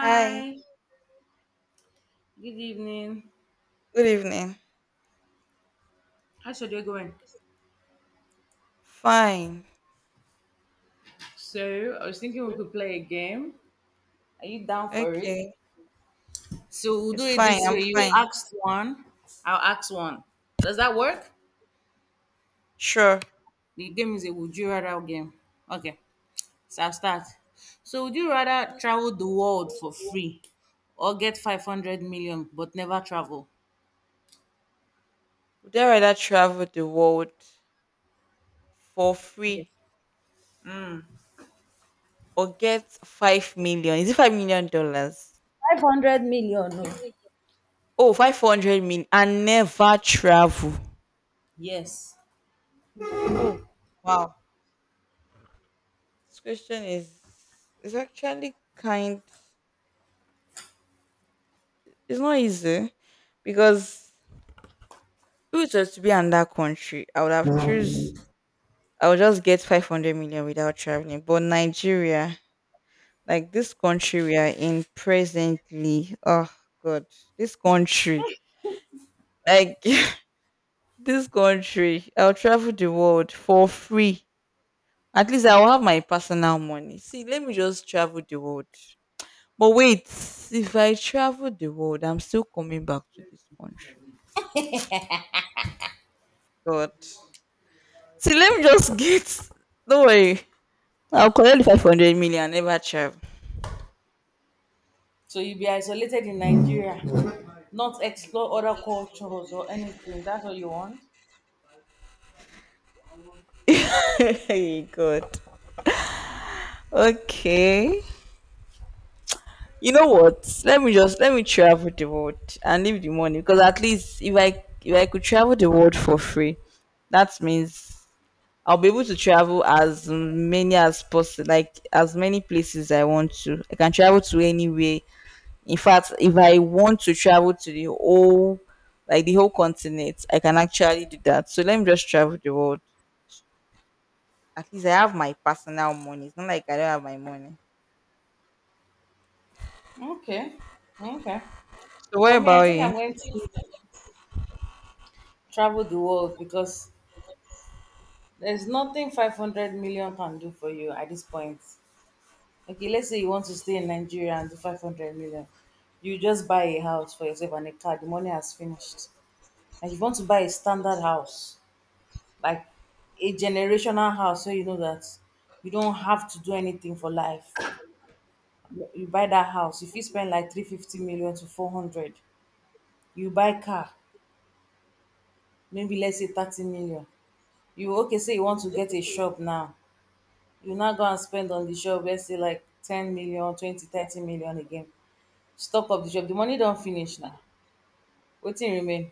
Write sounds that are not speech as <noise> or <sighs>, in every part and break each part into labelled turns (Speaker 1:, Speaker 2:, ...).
Speaker 1: Hi,
Speaker 2: good evening.
Speaker 1: good evening.
Speaker 2: How's your day going?
Speaker 1: Fine.
Speaker 2: So, I was thinking we could play a game. Are you down for it?
Speaker 1: Okay.
Speaker 2: So, we'll
Speaker 1: It's
Speaker 2: do it
Speaker 1: fine.
Speaker 2: this
Speaker 1: I'm
Speaker 2: way. You
Speaker 1: fine.
Speaker 2: ask one, I'll ask one. Does that work?
Speaker 1: Sure.
Speaker 2: The game is a would you rather game. Okay, so I'll start. So, would you rather travel the world for free or get 500 million but never travel?
Speaker 1: Would I rather travel the world for
Speaker 2: Yes.
Speaker 1: free or get 5 million? Is it $5 million?
Speaker 2: 500 million. No.
Speaker 1: Oh, 500 million and never travel.
Speaker 2: Yes.
Speaker 1: Oh, wow. This question is actually kind it's not easy, because if it was just to be in that country, I would just get 500 million without traveling. But Nigeria, like this country we are in presently. Oh God, this country. Like, <laughs> this country, I'll travel the world for free. At least I'll have my personal money. See, let me just travel the world. But wait, if I travel the world, I'm still coming back to this country. God. See, let me just <laughs> get. Don't worry. I'll collect the 500 million, never travel.
Speaker 2: So you'll be isolated in Nigeria, not explore other cultures or anything. That's what you want?
Speaker 1: <laughs> Hey, God. Okay. You know what, let me just let me travel the world and leave the money, because at least if I could travel the world for free, that means I'll be able to travel as many as possible, like as many places I want to. I can travel to anywhere. In fact, if I want to travel to the whole, like the whole continent, I can actually do that. So let me just travel the world. At least I have my personal money. It's not like I don't have my money.
Speaker 2: Okay. Okay.
Speaker 1: So what
Speaker 2: For me,
Speaker 1: about
Speaker 2: I think
Speaker 1: you?
Speaker 2: I'm going to travel the world because there's nothing 500 million can do for you at this point. Okay, let's say you want to stay in Nigeria and do 500 million. You just buy a house for yourself and a car. The money has finished. And if you want to buy a standard house, like a generational house, so you know that you don't have to do anything for life, you buy that house, you fit spend like 350 million to 400. You buy car, maybe let's say 30 million. You okay say you want to get a shop now, you now go and spend on the shop let's say like 10 million, 20, 30 million again. Stock up the shop, the money don't finish na, wetin remain?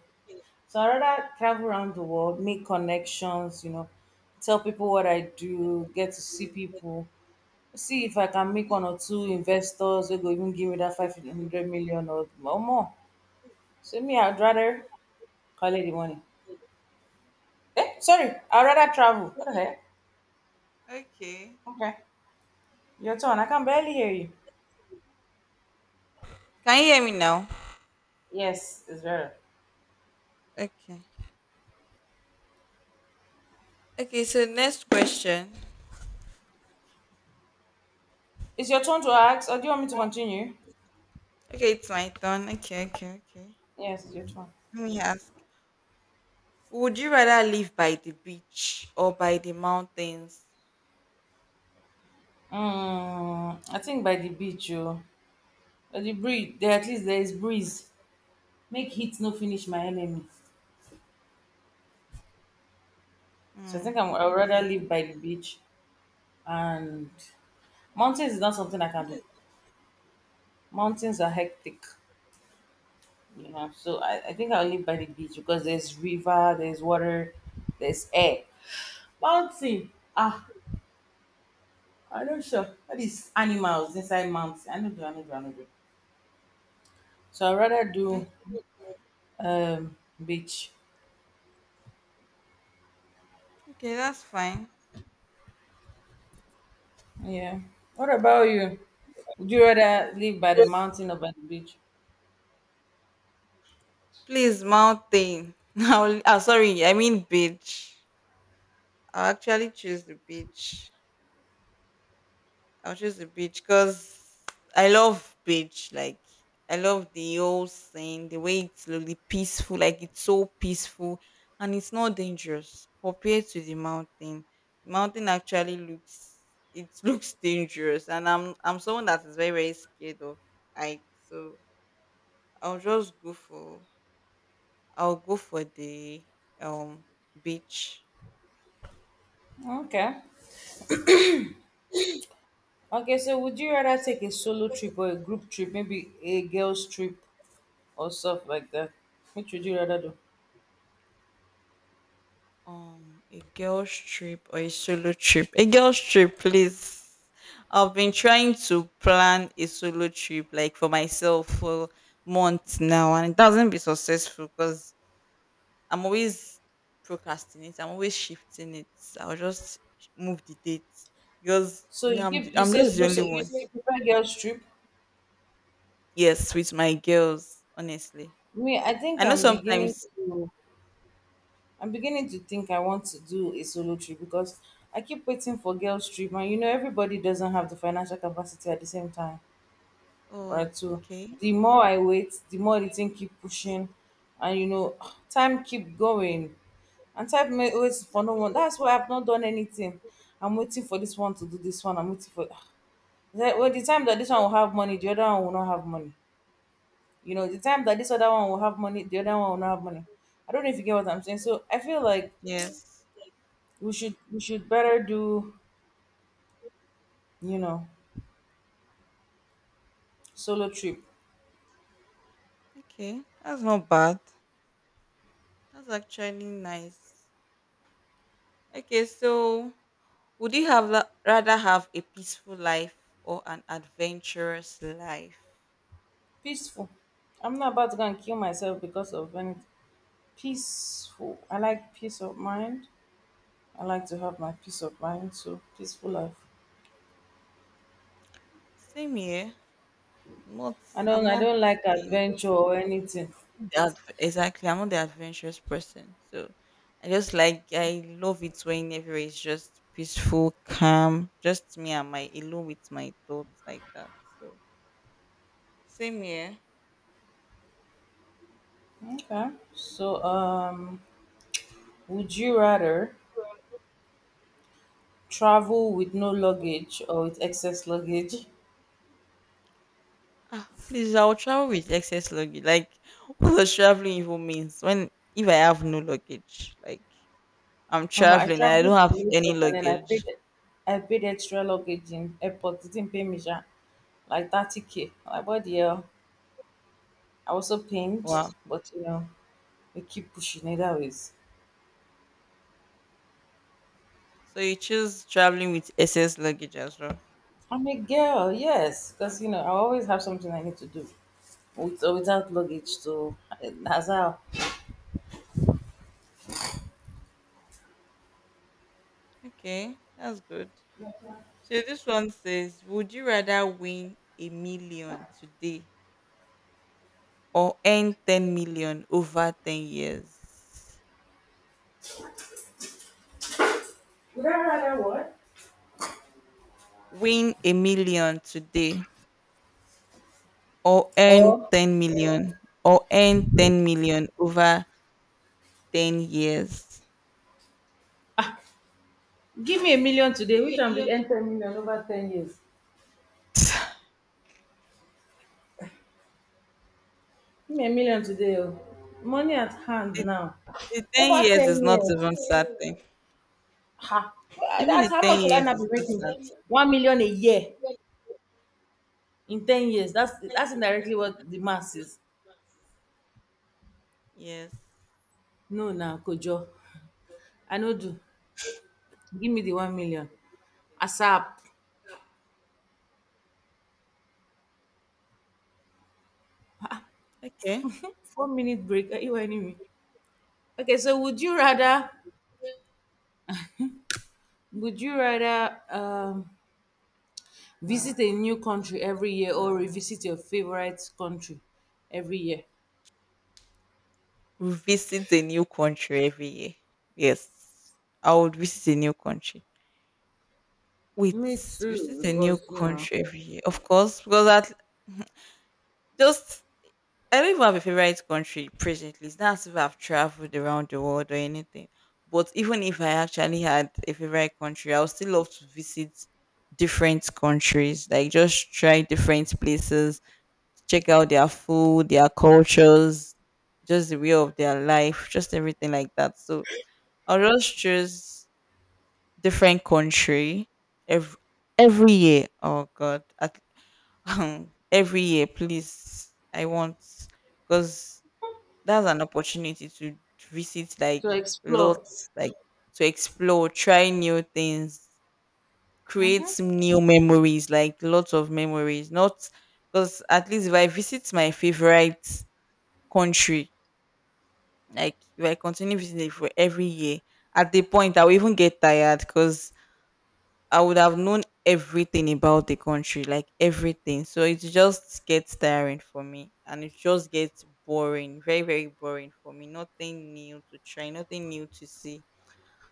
Speaker 2: So I rather travel around the world, make connections, you know, tell people what I do, get to see people. See if I can make one or two investors wey go even give me that 500 million or more. So me, I'd rather call it the morning. Eh, sorry, I'd rather travel. What the heck?
Speaker 1: Okay.
Speaker 2: Okay. Your turn. I can barely hear you.
Speaker 1: Can you hear me now?
Speaker 2: Yes, it's better.
Speaker 1: Okay. Okay, so next question.
Speaker 2: It's your turn to ask, or do you want me to continue?
Speaker 1: Okay, it's my turn. Okay, okay, okay.
Speaker 2: Yes, it's your turn.
Speaker 1: Let me ask. Would you rather live by the beach or by the mountains?
Speaker 2: Mm, I think by the beach, oh. By the breeze. There at least there is breeze. Make heat no finish my enemy. So I
Speaker 1: Hmm.
Speaker 2: think I'd rather
Speaker 1: Okay.
Speaker 2: live by the beach. And mountains is not something I can do. Mountains are hectic. Yeah, so I think I'll live by the beach because there's river, there's water, there's air. Mountain. Ah, I'm not sure. All these animals inside mountain. I know do, I know do, I know do. So I'd rather
Speaker 1: O-
Speaker 2: do um beach.
Speaker 1: Okay, that's fine.
Speaker 2: Yeah. What about you? Would you rather live by the mountain or by the beach?
Speaker 1: Please, mountain. <laughs> I'll, sorry, I mean beach. I'll actually choose the beach. I'll choose the beach because I love beach. Like, I love the whole scene, the way it's really peaceful. Like, it's so peaceful, and it's not dangerous compared to the mountain. Mountain actually looks, it <laughs> looks dangerous, and I'm someone that is very very scared of height. So I'll just go for I'll go for the um beach.
Speaker 2: Okay. Okay, so would you rather take a solo trip or a group trip, maybe a girls trip or stuff like that? Which would you rather do?
Speaker 1: A girl's trip or a solo trip. A girl's trip, please. I've been trying to plan a solo trip like for myself for months now, and it doesn't be successful because I'm always procrastinating. I'm always shifting it. I'll just move the date because
Speaker 2: So you give you
Speaker 1: I'm
Speaker 2: say
Speaker 1: just the
Speaker 2: so
Speaker 1: only
Speaker 2: so you,
Speaker 1: one.
Speaker 2: you prefer girls trip?
Speaker 1: Yes, with my girls, honestly.
Speaker 2: Me, I
Speaker 1: I
Speaker 2: think
Speaker 1: know
Speaker 2: I'm beginning
Speaker 1: sometimes.
Speaker 2: to I'm beginning to think I want to do a solo trip because I keep waiting for girls trip and you know everybody doesn't have the financial capacity at the same time, right?
Speaker 1: Oh,
Speaker 2: So
Speaker 1: okay.
Speaker 2: the more I wait, the more the thing keep pushing and <sighs> time keep going. And time may wait for no one. That's why I've not done anything. I'm waiting for this one to do this one. I'm waiting for <sighs> when the time that this one will have money, the other one will not have money. You know, the time that this other one will have money, the other one will not have money. I don't know if you get what I'm saying. So I feel like
Speaker 1: Yes.
Speaker 2: we should better do, you know, solo trip.
Speaker 1: Okay, that's not bad. That's actually nice. Okay, so would you rather have a peaceful life or an adventurous life?
Speaker 2: Peaceful. I'm not about to go and kill myself because of anything. Peaceful. I like peace of mind. I like to have my peace of mind, so peaceful life.
Speaker 1: Same here. I'm not.
Speaker 2: I
Speaker 1: I'm
Speaker 2: don't I
Speaker 1: not
Speaker 2: don't like
Speaker 1: the,
Speaker 2: adventure or anything.
Speaker 1: exactly. I'm not the adventurous person. So I just like I love it when everywhere is just peaceful, calm, just me and my alone with my thoughts, like that. So same here.
Speaker 2: Okay. So would you rather travel with no luggage or with excess luggage?
Speaker 1: Please, I'll travel with excess luggage. Like, <laughs> what does traveling even means when if I have no luggage? Like, I'm
Speaker 2: I
Speaker 1: traveling and I don't
Speaker 2: traveled to
Speaker 1: have any
Speaker 2: Lagos and then I
Speaker 1: luggage.
Speaker 2: paid I paid extra luggage in airport. They didn't pay me sha, like 30K. Like what the hell? I was so pained,
Speaker 1: Wow.
Speaker 2: but you know, we keep pushing it always.
Speaker 1: So you choose traveling with SS luggage as well.
Speaker 2: I'm a girl, yes, because you know, I always have something I need to do with or without luggage. So that's how.
Speaker 1: Okay, that's good. So this one says, would you rather win a million today or earn 10 million over 10 years? Win a million today or earn
Speaker 2: Or
Speaker 1: 10 million or earn 10 million over 10 years.
Speaker 2: give me a million today, which I'm with earn 10 million over 10 years.
Speaker 1: <laughs> the,
Speaker 2: Give me a million today, oh. Money at hand now.
Speaker 1: the 10
Speaker 2: Over
Speaker 1: years is
Speaker 2: 10
Speaker 1: not
Speaker 2: years.
Speaker 1: even certain.
Speaker 2: Ha! Well,
Speaker 1: Even
Speaker 2: that's
Speaker 1: the
Speaker 2: how
Speaker 1: 10
Speaker 2: much will I
Speaker 1: years
Speaker 2: not be
Speaker 1: is not
Speaker 2: making?
Speaker 1: certain.
Speaker 2: 1 million a year in 10 years. That's indirectly what the mass is.
Speaker 1: Yes.
Speaker 2: No, na kojo. I no do. Give me the 1 million. ASAP.
Speaker 1: Okay.
Speaker 2: 4 minute break. Are you whining me? Okay, so would you rather visit a new country every year or revisit your favorite country every year?
Speaker 1: Visit a new country every year. Yes. I would visit a new country. Wait,
Speaker 2: Me too,
Speaker 1: visit a new
Speaker 2: because you know,
Speaker 1: country every year. Of course, because at just I don't even have a favorite country presently. It's not as if I've traveled around the world or anything. But even if I actually had a favorite country, I would still love to visit different countries, like just try different places, check out their food, their cultures, just the way of their life, just everything like that. So I'll just choose different country every every year. Oh God, <laughs> every year, please. I want Because that's an opportunity to visit, like,
Speaker 2: to explore.
Speaker 1: lots, like, to explore, try new things, create
Speaker 2: Mm-hmm.
Speaker 1: some new memories, like, lots of memories. Not because at least if I visit my favorite country. Like, if I continue visiting it for every year, at the point I will even get tired because I would have known everything about the country, like everything. So it just gets tiring for me, and it just gets boring, very, very boring for me. Nothing new to try, nothing new to see.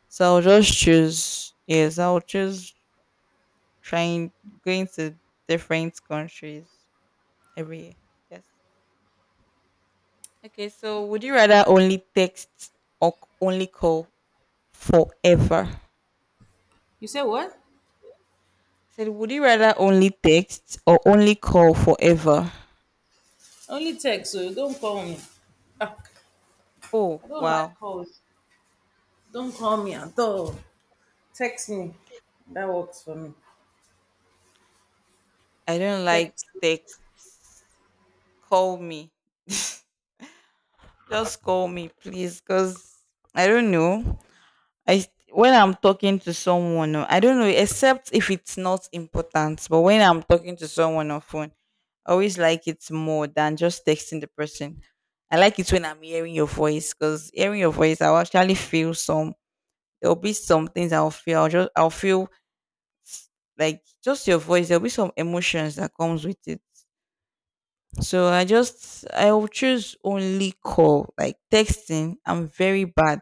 Speaker 1: So I'll just choose, yes, I'll choose trying going to different countries every year. Yes. Okay, so would you rather only text or only call forever?
Speaker 2: You say what?
Speaker 1: Said, would you rather only text or only call forever?
Speaker 2: Only text, so you don't call me. Ah.
Speaker 1: Oh,
Speaker 2: I don't like
Speaker 1: wow.
Speaker 2: calls. Don't call me at all. Text me. That works for me.
Speaker 1: I don't like
Speaker 2: Text.
Speaker 1: text. Call me. <laughs> Just call me, please, because I don't know. I When I'm talking to someone, I don't know, except if it's not important. But when I'm talking to someone on phone, I always like it more than just texting the person. I like it when I'm hearing your voice, because hearing your voice, I will actually feel some there'll be some things I'll feel. I'll feel like just your voice. There'll be some emotions that comes with it. So I will choose only call. Like, texting, I'm very bad.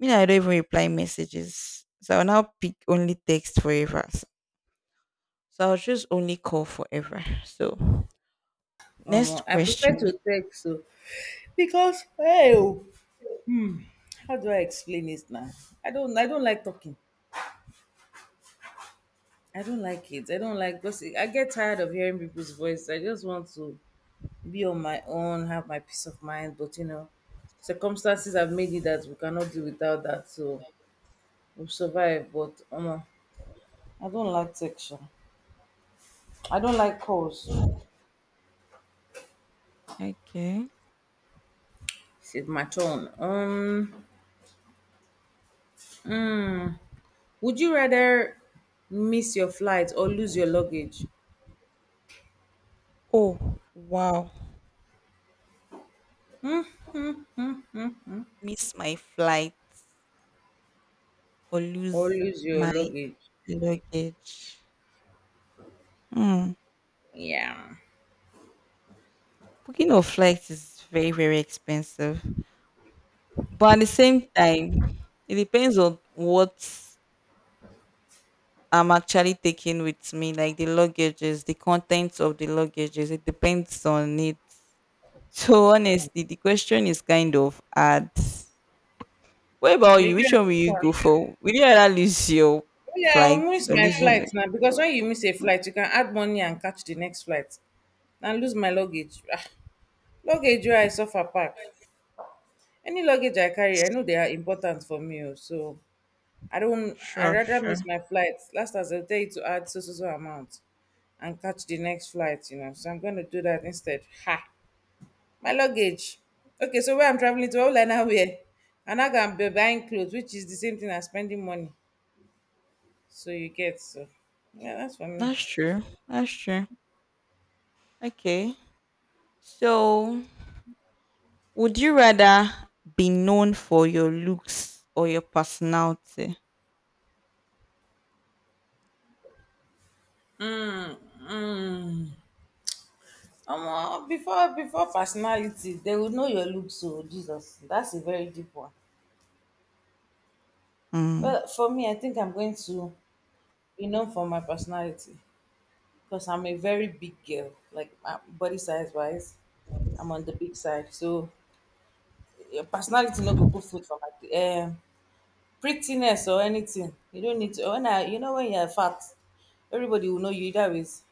Speaker 1: You know, I don't even reply messages. So I'll now pick only text forever. So I'll choose only call forever. So next
Speaker 2: I prefer
Speaker 1: question.
Speaker 2: to text so because hey, oh, how do I explain this now? I don't. I don't like talking. I don't like it. I don't like because I get tired of hearing people's voice. I just want to be on my own, have my peace of mind. But you know, circumstances have made it that we cannot do without that. So we will survive. But I don't like text sha. I don't like calls.
Speaker 1: Okay.
Speaker 2: It's my turn. Hmm. Would you rather miss your flight or lose your luggage?
Speaker 1: Oh wow.
Speaker 2: Hmm, hmm.
Speaker 1: Miss my flight or
Speaker 2: Or
Speaker 1: lose
Speaker 2: lose your
Speaker 1: my
Speaker 2: luggage?
Speaker 1: luggage. Hmm.
Speaker 2: Yeah.
Speaker 1: Booking of flights is very, very expensive. But at the same time, it depends on what I'm actually taking with me, like the luggages, the contents of the luggages. It depends on it. So honestly, the question is kind of hard. What about you? Which one will you
Speaker 2: But
Speaker 1: go for? Will you rather lose your
Speaker 2: oh, yeah, I'll
Speaker 1: flight
Speaker 2: miss
Speaker 1: or
Speaker 2: my
Speaker 1: lose your...
Speaker 2: flight now because when you miss a flight, you can add money and catch the next flight. And lose my luggage. Ah, luggage, where I suffer pack. Any luggage I carry, I know they are important for me, oh. So I don't. I
Speaker 1: Sure,
Speaker 2: rather
Speaker 1: sure.
Speaker 2: miss my flight. Last as I tell you to add so so so amount, and catch the next flight. You know, so I'm going to do that instead. Ha! My luggage. Okay, so where I'm traveling to, all I now wear, and I can be buying clothes, which is the same thing as spending money. So you get so. Yeah, that's for me.
Speaker 1: That's true. That's true. Okay. So would you rather be known for your looks or your personality?
Speaker 2: Mm. Omo, before before personality, they would know your look. So Jesus, that's a very deep one.
Speaker 1: Mm.
Speaker 2: Well, for me, I think I'm going to be known for my personality, because I'm a very big girl. Like my body size wise, I'm on the big side. So your personality no go put food for my prettiness or anything. You don't need to. When I, you know, when you're fat, everybody will know you either ways.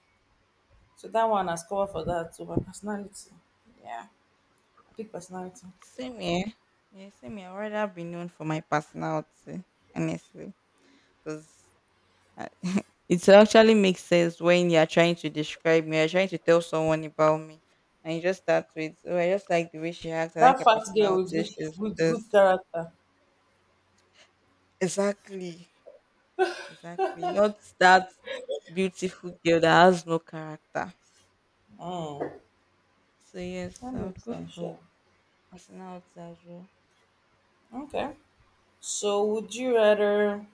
Speaker 2: So that one has cover for that. So my personality, yeah, big personality.
Speaker 1: Same here. Yeah, same here. I'd rather be known for my personality, honestly. Because it actually makes sense when you're trying to describe me, you're trying to tell someone about me. And you just start with, oh, I just like the way she acts. I like
Speaker 2: That
Speaker 1: her
Speaker 2: fat girl with
Speaker 1: personality.
Speaker 2: good,
Speaker 1: She's
Speaker 2: with good
Speaker 1: this.
Speaker 2: character.
Speaker 1: Exactly. Exactly. Not that beautiful girl that has no character.
Speaker 2: Mm,
Speaker 1: So, yes,
Speaker 2: that
Speaker 1: I would
Speaker 2: makes
Speaker 1: go
Speaker 2: sense. Yeah.
Speaker 1: for personality as well.
Speaker 2: Okay. So would you rather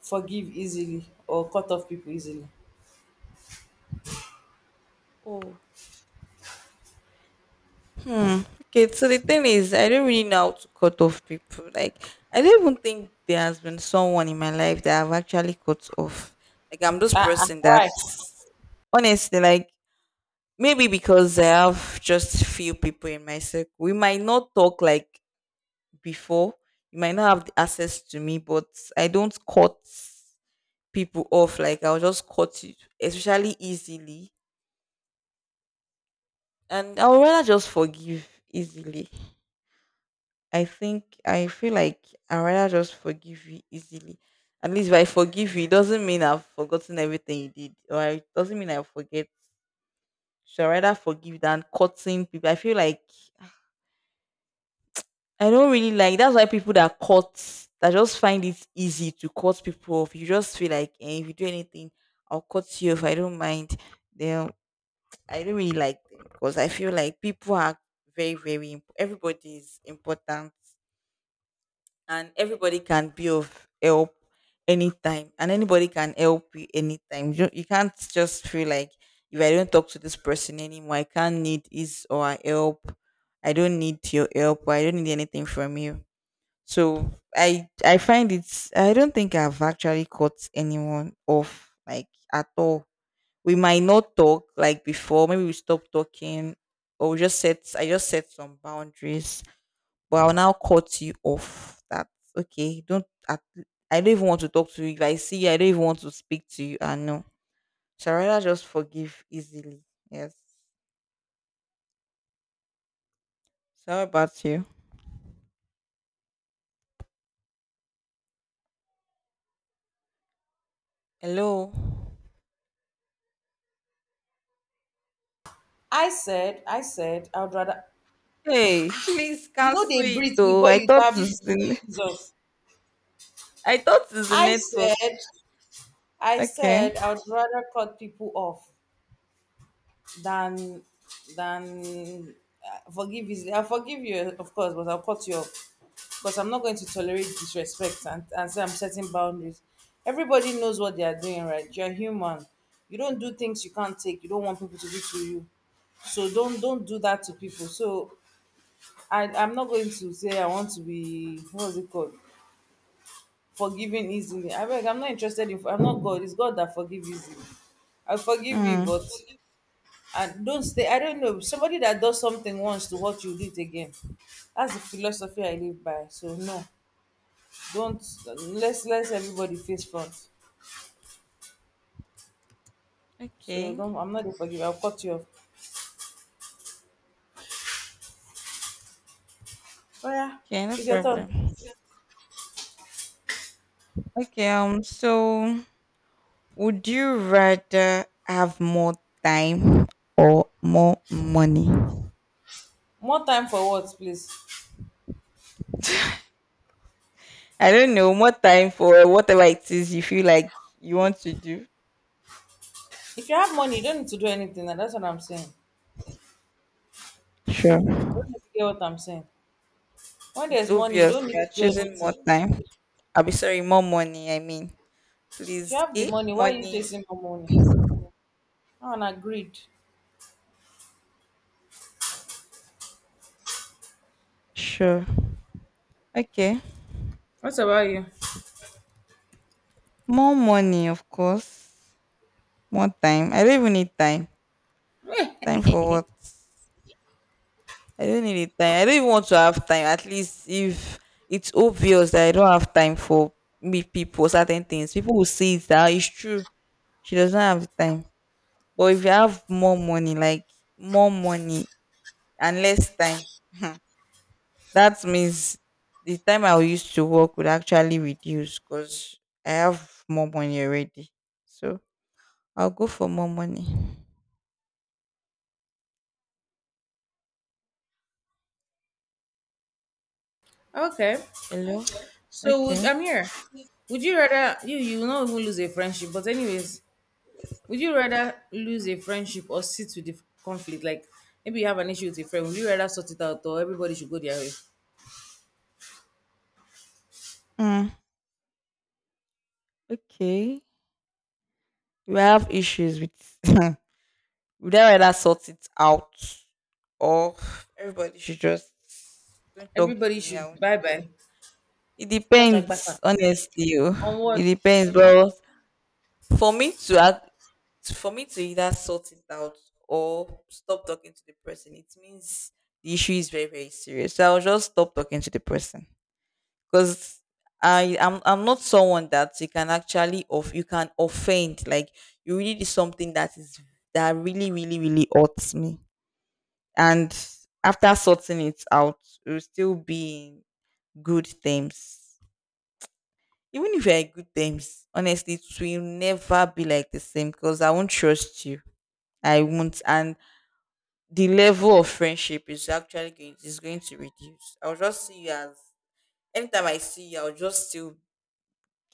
Speaker 2: forgive easily or cut off people easily?
Speaker 1: Oh, hmm. Okay, so the thing is, I don't really know how to cut off people. Like, I don't even think there has been someone in my life that I've actually cut off. Like, I'm this
Speaker 2: Ah,
Speaker 1: person that,
Speaker 2: why?
Speaker 1: honestly, like, maybe because I have just few people in my circle, we might not talk like before. You might not have the access to me, but I don't cut people off. Like, I'll just cut you, especially easily. And I'll rather just forgive easily. I feel like I rather just forgive you easily. At least if I forgive you, it doesn't mean I've forgotten everything you did, or it doesn't mean I forget. So I rather forgive than cutting people. I feel like I don't really like. That's why people that cut that just find it easy to cut people off. You just feel like, if you do anything, I'll cut you off. I don't mind. Then I don't really like them because I feel like people are very very. Everybody is important, and everybody can be of help anytime, and anybody can help you anytime. You can't just feel like if I don't talk to this person anymore, I can't need his or her help. I don't need your help, or I don't need anything from you. So i find it's I don't think I've actually cut anyone off, like, at all. We might not talk like before, maybe we stop talking, or we just set I just set some boundaries, but I'll now cut you off. That's okay. Don't at- I don't even want to talk to you. If I see you, I don't even want to speak to you. I know. So I rather just forgive easily. Yes. Sorry about you. Hello.
Speaker 2: I said, I would rather,
Speaker 1: Hey, <laughs> please
Speaker 2: you know,
Speaker 1: cancel
Speaker 2: they
Speaker 1: it
Speaker 2: breathe
Speaker 1: though.
Speaker 2: before you tap this thing, Jesus.
Speaker 1: I thought it's the
Speaker 2: I
Speaker 1: network.
Speaker 2: said, I
Speaker 1: Okay.
Speaker 2: said, I would rather cut people off than than forgive easily. I'll forgive you, of course, but I'll cut you off because I'm not going to tolerate disrespect, and say I'm setting boundaries. Everybody knows what they are doing, right? You're human. You don't do things you can't take. You don't want people to do to you. So don't do that to people. So I'm not going to say I want to be what's it called, forgiving easily. I beg, I'm not interested in. I'm not God. It's God that forgive easily. I forgive you,
Speaker 1: Hmm.
Speaker 2: but I don't stay. I don't know somebody that does something once to what you did again. That's the philosophy I live by. So no, don't, let's let everybody face front. So
Speaker 1: Okay.
Speaker 2: don't. I'm not a forgive. I'll cut you off. Oh yeah,
Speaker 1: Okay, no
Speaker 2: it's your turn.
Speaker 1: problem. Okay, so would you rather have more time or more money?
Speaker 2: More time for what, please?
Speaker 1: <laughs> I don't know, more time for whatever it is you feel like you want to do.
Speaker 2: If you have money, you don't need to do anything. And that's what I'm saying.
Speaker 1: Sure.
Speaker 2: I don't know if you get what I'm saying. When
Speaker 1: It's
Speaker 2: there's money, you
Speaker 1: obvious
Speaker 2: don't
Speaker 1: you
Speaker 2: need
Speaker 1: are
Speaker 2: to do
Speaker 1: choosing more
Speaker 2: anything.
Speaker 1: time. I'll be Sorry, more money. I mean,
Speaker 2: If you
Speaker 1: please,
Speaker 2: have the
Speaker 1: eh?
Speaker 2: money, why are you
Speaker 1: Money.
Speaker 2: chasing for money? I want agreed.
Speaker 1: Sure. Okay.
Speaker 2: What about you?
Speaker 1: More money, of course. More time. I don't even need time. Time for what? I don't need it time. I don't even want to have time. At least if it's obvious that I don't have time for me people, certain things, people will see it that, "Ah, it's true. She doesn't have the time. But if you have more money, like more money and less time, <laughs> that means the time I used to work would actually reduce because I have more money already. So I'll go for more money.
Speaker 2: Okay.
Speaker 1: Hello?
Speaker 2: So
Speaker 1: Okay.
Speaker 2: I'm here. Would you rather, you will not even lose a friendship? But anyways, would you rather lose a friendship or sit with the conflict? Like maybe you have an issue with a friend. Would you rather sort it out or everybody should go their way?
Speaker 1: Mm, okay. We have issues with <laughs> would I rather sort it out or everybody should just don't talk to
Speaker 2: Everybody
Speaker 1: me. I
Speaker 2: should
Speaker 1: won't
Speaker 2: bye
Speaker 1: talk.
Speaker 2: bye.
Speaker 1: It
Speaker 2: Church
Speaker 1: depends,
Speaker 2: Agbata.
Speaker 1: honestly. Oh.
Speaker 2: On what?
Speaker 1: It depends, but for me to act for me to either sort it out or stop talking to the person, it means the issue is very, very serious. So I'll just stop talking to the person because I'm not someone that you can actually off you can offend. Like you really did something that is that really, really, really hurts me. And after sorting it out, we will still be in good terms. Even if you're in good terms, honestly, it will never be like the same because I won't trust you. I won't. And the level of friendship is actually going is going to reduce. I'll just see you as anytime I see you, I'll just still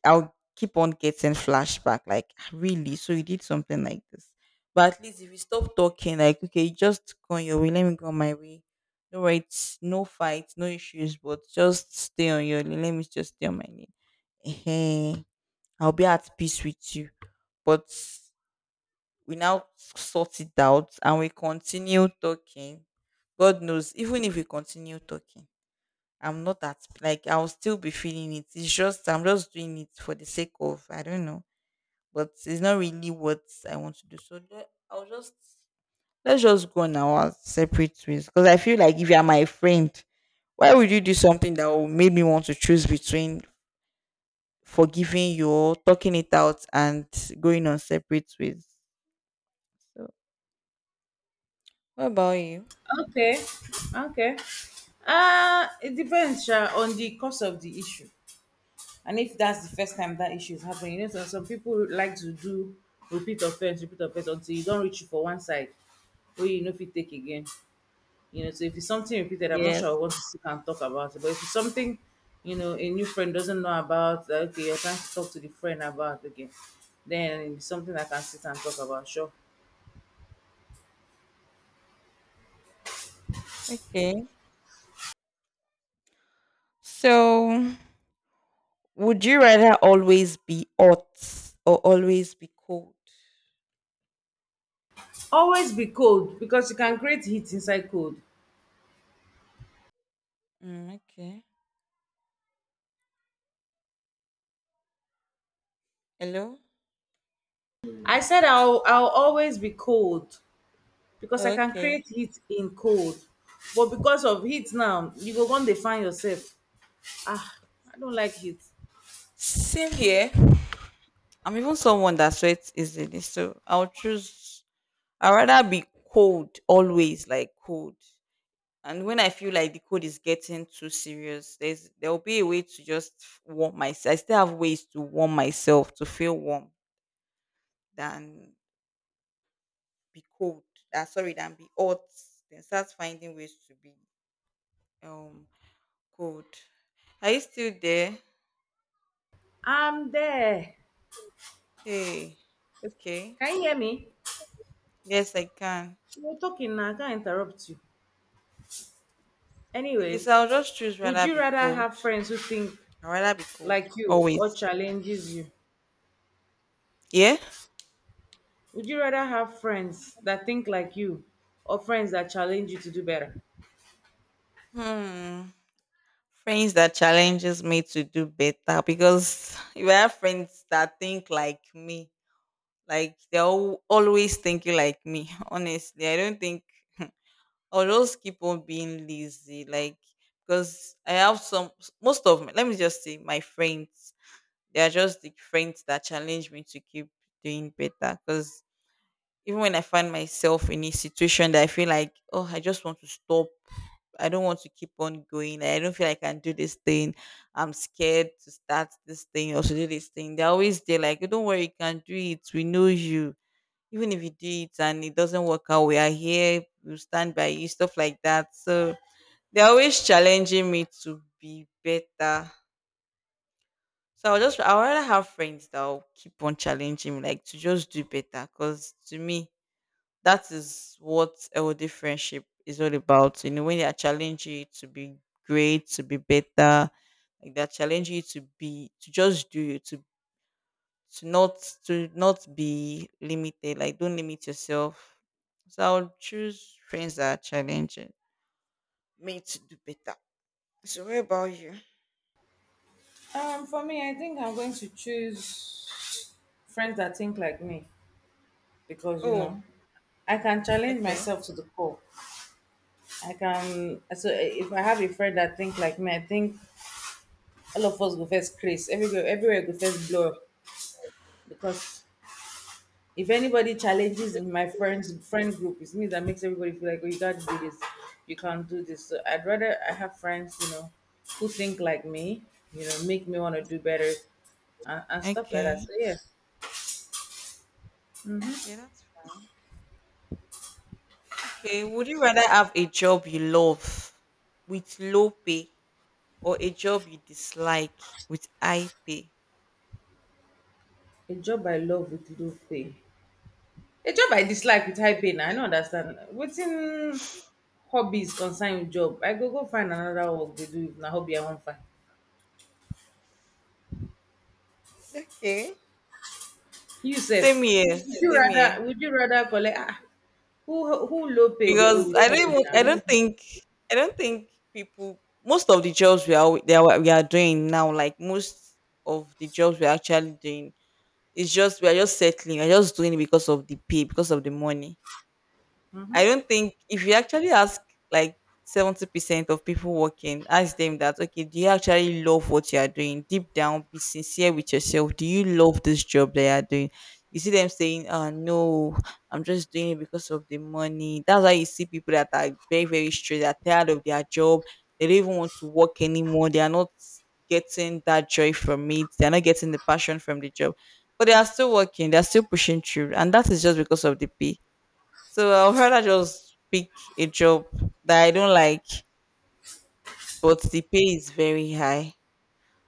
Speaker 1: I'll keep on getting flashback. Like, "Ah, really, so you did something like this." But at least if you stop talking, like, okay, just go on your way. Let me go on my way. No rights, no fights, no issues. But just stay on your lane. Let me just stay on my lane. Hey, I'll be at peace with you. But we now sort it out and we continue talking. God knows, even if we continue talking, I'm not at like I'll still be feeling it. It's just I'm just doing it for the sake of I don't know, but it's not really what I want to do. I'll just let's just go on our separate ways because I feel like if you are my friend, why would you do something that will make me want to choose between forgiving you, or talking it out, and going on separate ways? So what about you?
Speaker 2: Okay. Okay. It depends sha, on the cause of the issue. And if that's the first time that issue is happening, you know, some people like to do repeat offense until you don't reach you for one side where you know if you take again. You know, so if it's something repeated, I'm not sure
Speaker 1: Yes.
Speaker 2: I want to sit and talk about it. But if it's something, you know, a new friend doesn't know about, that, okay, you're trying to talk to the friend about again, then it's something I can sit and talk about. Sure.
Speaker 1: Okay. So, would you rather always be hot or always be cold?
Speaker 2: Always be cold because you can create heat inside cold.
Speaker 1: Mm, okay. Hello?
Speaker 2: I said I'll always be cold because I can
Speaker 1: Okay.
Speaker 2: create heat in cold. But because of heat now, you go one dey find yourself. Ah, I don't like heat.
Speaker 1: Same here. I'm even someone that sweats easily, so I'll choose. I'd rather be cold always, like cold. And when I feel like the code is getting too serious, there will be a way to just warm myself. I still have ways to warm myself to feel warm than be cold. Sorry, than be hot. Then start finding ways to be um cold. Are you still there?
Speaker 2: I'm there.
Speaker 1: Hey, okay.
Speaker 2: Can you hear me?
Speaker 1: Yes, I can.
Speaker 2: You're talking now. I can't interrupt you.
Speaker 1: Okay, so
Speaker 2: Anyways,
Speaker 1: I'll just choose
Speaker 2: would
Speaker 1: rather
Speaker 2: you
Speaker 1: be
Speaker 2: rather
Speaker 1: cold.
Speaker 2: have friends who think
Speaker 1: I'd rather be cold
Speaker 2: like you or
Speaker 1: always.
Speaker 2: challenges you?
Speaker 1: Yeah.
Speaker 2: Would you rather have friends that think like you or friends that challenge you to do better?
Speaker 1: Hmm. Friends that challenges me to do better because <laughs> if I have friends that think like me, like they're always thinking like me. <laughs> Honestly, I don't think I'll just keep on being lazy. Like because I have some most of my, let me just say my friends. They are just the friends that challenge me to keep doing better. Because even when I find myself in a situation that I feel like, oh, I just want to stop. I don't want to keep on going. Like, I don't feel like I can do this thing. I'm scared to start this thing or to do this thing. They're always there, like, "Oh, don't worry, you can do it. We know you. Even if you do it and it doesn't work out, we are here. We'll stand by you," stuff like that. So they're always challenging me to be better. So I'd rather have friends that will keep on challenging me, like to just do better. Because to me, that is what healthy friendship is all about. You know, when they are challenging you to be great, to be better, like they're challenging you to be to just do you to not to not be limited. Like don't limit yourself. So I would choose friends that are challenging me to do better. So what about you?
Speaker 2: For me, I think I'm going to choose friends that think like me because you
Speaker 1: Oh,
Speaker 2: know I can challenge
Speaker 1: okay,
Speaker 2: myself to the core. I can so eh, if I have a friend that think like me, I think all of us go first craze. Everywhere, everywhere go first blow up because if anybody challenges my friend group, it's me that makes everybody feel like, oh, you gotta do this, you can't do this. So I'd rather I have friends, you know, who think like me, you know, make me want to do better and stuff like that.
Speaker 1: okay,
Speaker 2: So yeah,
Speaker 1: okay. That's okay. Would you rather have a job you love with low pay or a job you dislike with high pay?
Speaker 2: a job I love with low pay. A job I dislike with high pay na I no understand. Wetin hobbies concern with job? I go go find another work to do if na hobby I wan find.
Speaker 1: Okay.
Speaker 2: You
Speaker 1: Same
Speaker 2: sef,
Speaker 1: here,
Speaker 2: would you
Speaker 1: same here.
Speaker 2: rather would you rather collect ah, who low pay dey owe
Speaker 1: Because
Speaker 2: with hobby na?
Speaker 1: I don't think people most of the jobs we are doing now, like most of the jobs we are actually doing, it's just we are just settling, we are just doing it because of the pay, because of the money. I don't think if you actually ask like 70% of people working, ask them that, okay, do you actually love what you are doing? Deep down, be sincere with yourself. Do you love this job that you are doing? You see them saying, oh, no, I'm just doing it because of the money. That's why you see people that are very, very straight, they're tired of their job. They don't even want to work anymore. They are not getting that joy from it. They're not getting the passion from the job. But they are still working. They're still pushing through. And that is just because of the pay. So I'll rather just pick a job that I don't like, but the pay is very high.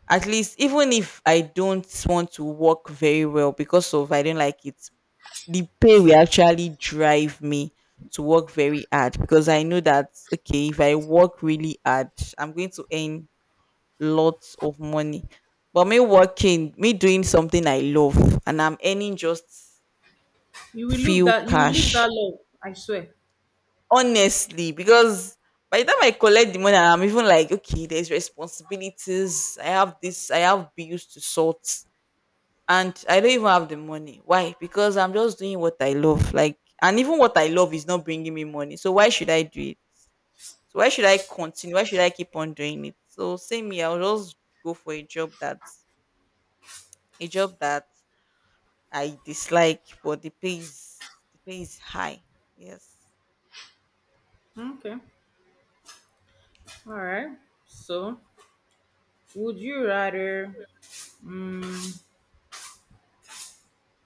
Speaker 1: At least, even if I don't want to work very well because of I don't like it, the pay will actually drive me to work very hard because I know that, okay, if I work really hard, I'm going to earn lots of money. But me working, me doing something I love, and I'm earning just few
Speaker 2: You will lose
Speaker 1: cash
Speaker 2: that love, I swear.
Speaker 1: honestly. Because by the time I collect the money, I'm even like, okay, there's responsibilities, I have this, I have bills to sort, and I don't even have the money. Why? Because I'm just doing what I love, like and even what I love is not bringing me money, so why should I do it? So why should I continue? Why should I keep on doing it? So same here, I'll just go for a job that a job that I dislike but the pay is high. Yes.
Speaker 2: Okay. Alright. So would you rather um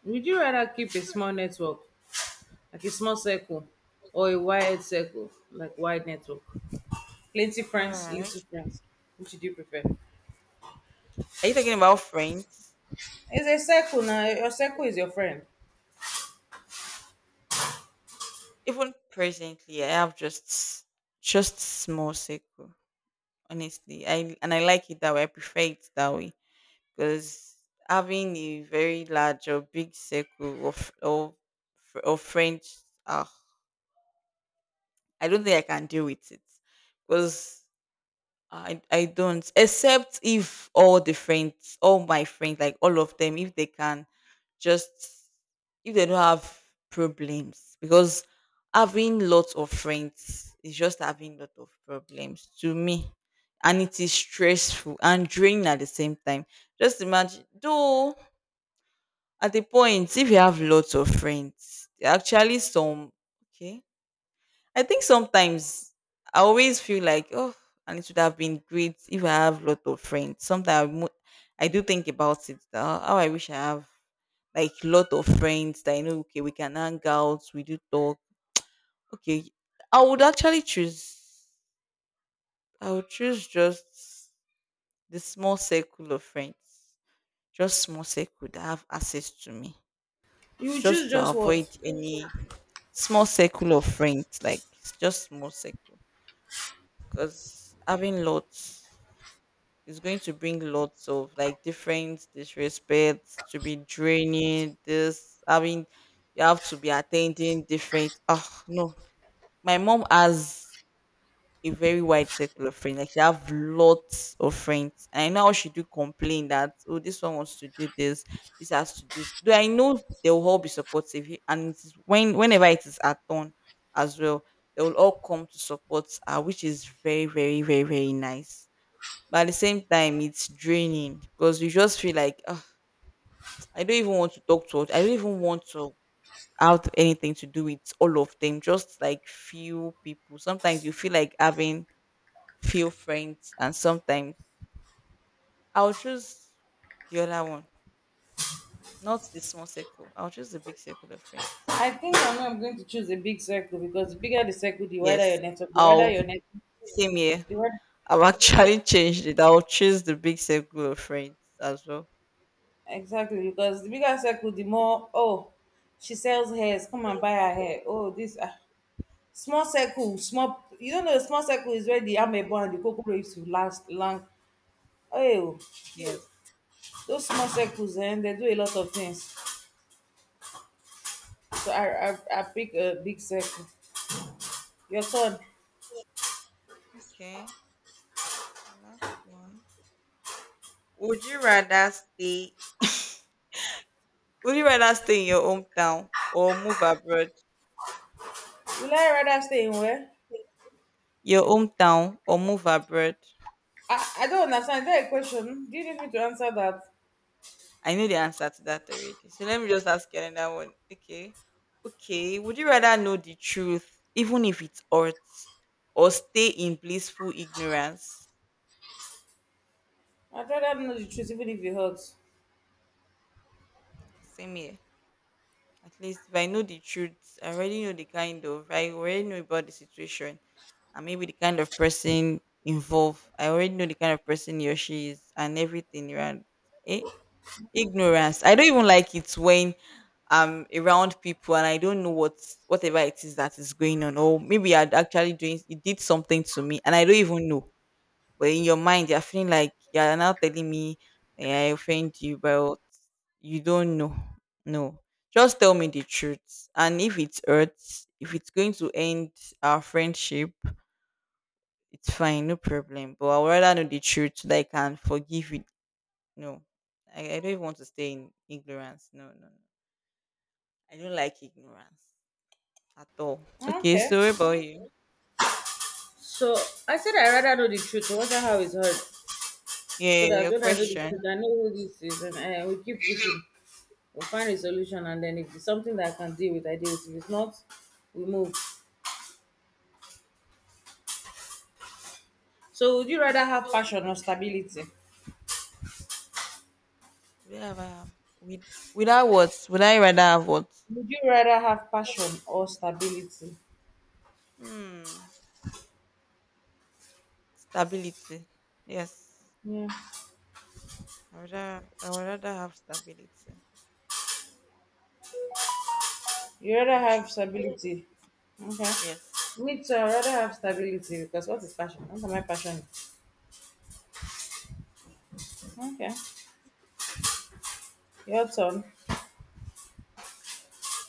Speaker 2: would you rather keep a small network, like a small circle, or a wide circle, like wide network? Plenty friends,
Speaker 1: All right.
Speaker 2: little friends. Which do you prefer?
Speaker 1: Are you talking about friends?
Speaker 2: It's a circle now. Your circle is your friend.
Speaker 1: Even presently I have just small circle honestly, I and I like it that way, I prefer it that way because having a very large or big circle of friends, ah, I don't think I can deal with it because I don't, except if all the friends, all my friends, like all of them, if they can just if they don't have problems, because having lots of friends is just having lot of problems to me, and it is stressful and draining at the same time. Just imagine though at the point if you have lots of friends, there are actually some okay I think sometimes I always feel like, oh, and it would have been great if I have lot of friends. Sometimes I do think about it. That, "Ah, how I wish I have like lot of friends that I know. Okay, we can hang out. We do talk." Okay, I would actually choose. I would choose just the small circle of friends, just small circle that have access to me,
Speaker 2: You will
Speaker 1: just
Speaker 2: choose
Speaker 1: to
Speaker 2: just
Speaker 1: avoid
Speaker 2: what?
Speaker 1: any small circle of friends, like just small circle. Because having lots is going to bring lots of like different disrespect, to be draining, this having you have to be attending different, oh no, my mom has a very wide circle of friends. Like she have lots of friends. And I know how she do complain that, oh, this one wants to do this, this has to do. Though I know they will all be supportive, and it is when whenever it is her turn as well, they will all come to support her, which is very, very, very, very nice. But at the same time, it's draining because you just feel like, "Ah, I don't even want to talk to her. I don't even want to have anything to do with all of them. Just like few people." Sometimes you feel like having few friends, and sometimes I'll choose the other one, not the small circle. I'll choose the big circle of friends.
Speaker 2: I think I know I'm going to choose a big circle because the bigger the circle, the wider
Speaker 1: Yes,
Speaker 2: your network. The wider
Speaker 1: I'll
Speaker 2: your net,
Speaker 1: same here.
Speaker 2: the wider.
Speaker 1: I've
Speaker 2: Yes,
Speaker 1: actually <laughs> changed it. I'll choose the big circle of friends as well.
Speaker 2: exactly. Because the bigger circle, the more. Oh, she sells hairs. Come and buy her hair. Oh, this ah, small circle, small. You don't know, a small circle is where the amebo and the kokoro used to last long. Hey, oh,
Speaker 1: Yes.
Speaker 2: those small circles, and they do a lot of things. So I pick a big circle. Your son,
Speaker 1: Okay. Last one. Would you rather stay? Would you rather stay in your hometown or move abroad?
Speaker 2: will I rather stay in where?
Speaker 1: Your hometown or move abroad?
Speaker 2: I don't understand. Is that a question? Do you need me to answer that?
Speaker 1: I know the answer to that already. So let me just ask you another one. Okay. Okay. Would you rather know the truth, even if it hurts, or stay in blissful ignorance?
Speaker 2: I'd rather know the truth, even if it hurts.
Speaker 1: Same here. At least if I know the truth, I already know the kind of, I already know about the situation and maybe the kind of person involved. I already know the kind of person he or she is and everything around. Eh? Ignorance, I don't even like it when I'm around people and I don't know what whatever it is that is going on, or maybe you're actually doing it, did something to me and I don't even know, but in your mind you're feeling like you're now telling me, eh, I offend you but you don't know. No, just tell me the truth, and if it hurts, if it's going to end our friendship, it's fine, no problem, but I would rather know the truth so that I can forgive you. No. I don't even want to stay in ignorance. No, no, no. I don't like ignorance at all. Okay,
Speaker 2: Okay.
Speaker 1: so what about you?
Speaker 2: So I said I'd rather know the truth, no matter how it's hurt,
Speaker 1: Yeah,
Speaker 2: so that
Speaker 1: your
Speaker 2: when I know the
Speaker 1: question.
Speaker 2: truth, I know who this is, and we keep pushing. We'll find a solution, and then if it's something that I can deal with, I deal with. If it's not, we move. So would you rather have passion or stability?
Speaker 1: Would I have with without what? Would I rather have what?
Speaker 2: Would you rather have passion or stability?
Speaker 1: Hmm. Stability. Yes.
Speaker 2: Yeah.
Speaker 1: I would rather have stability.
Speaker 2: You rather
Speaker 1: That's
Speaker 2: have
Speaker 1: right.
Speaker 2: stability. Okay.
Speaker 1: Yes.
Speaker 2: Me too, I rather have stability because what is passion? What am I passionate? Okay. Your turn.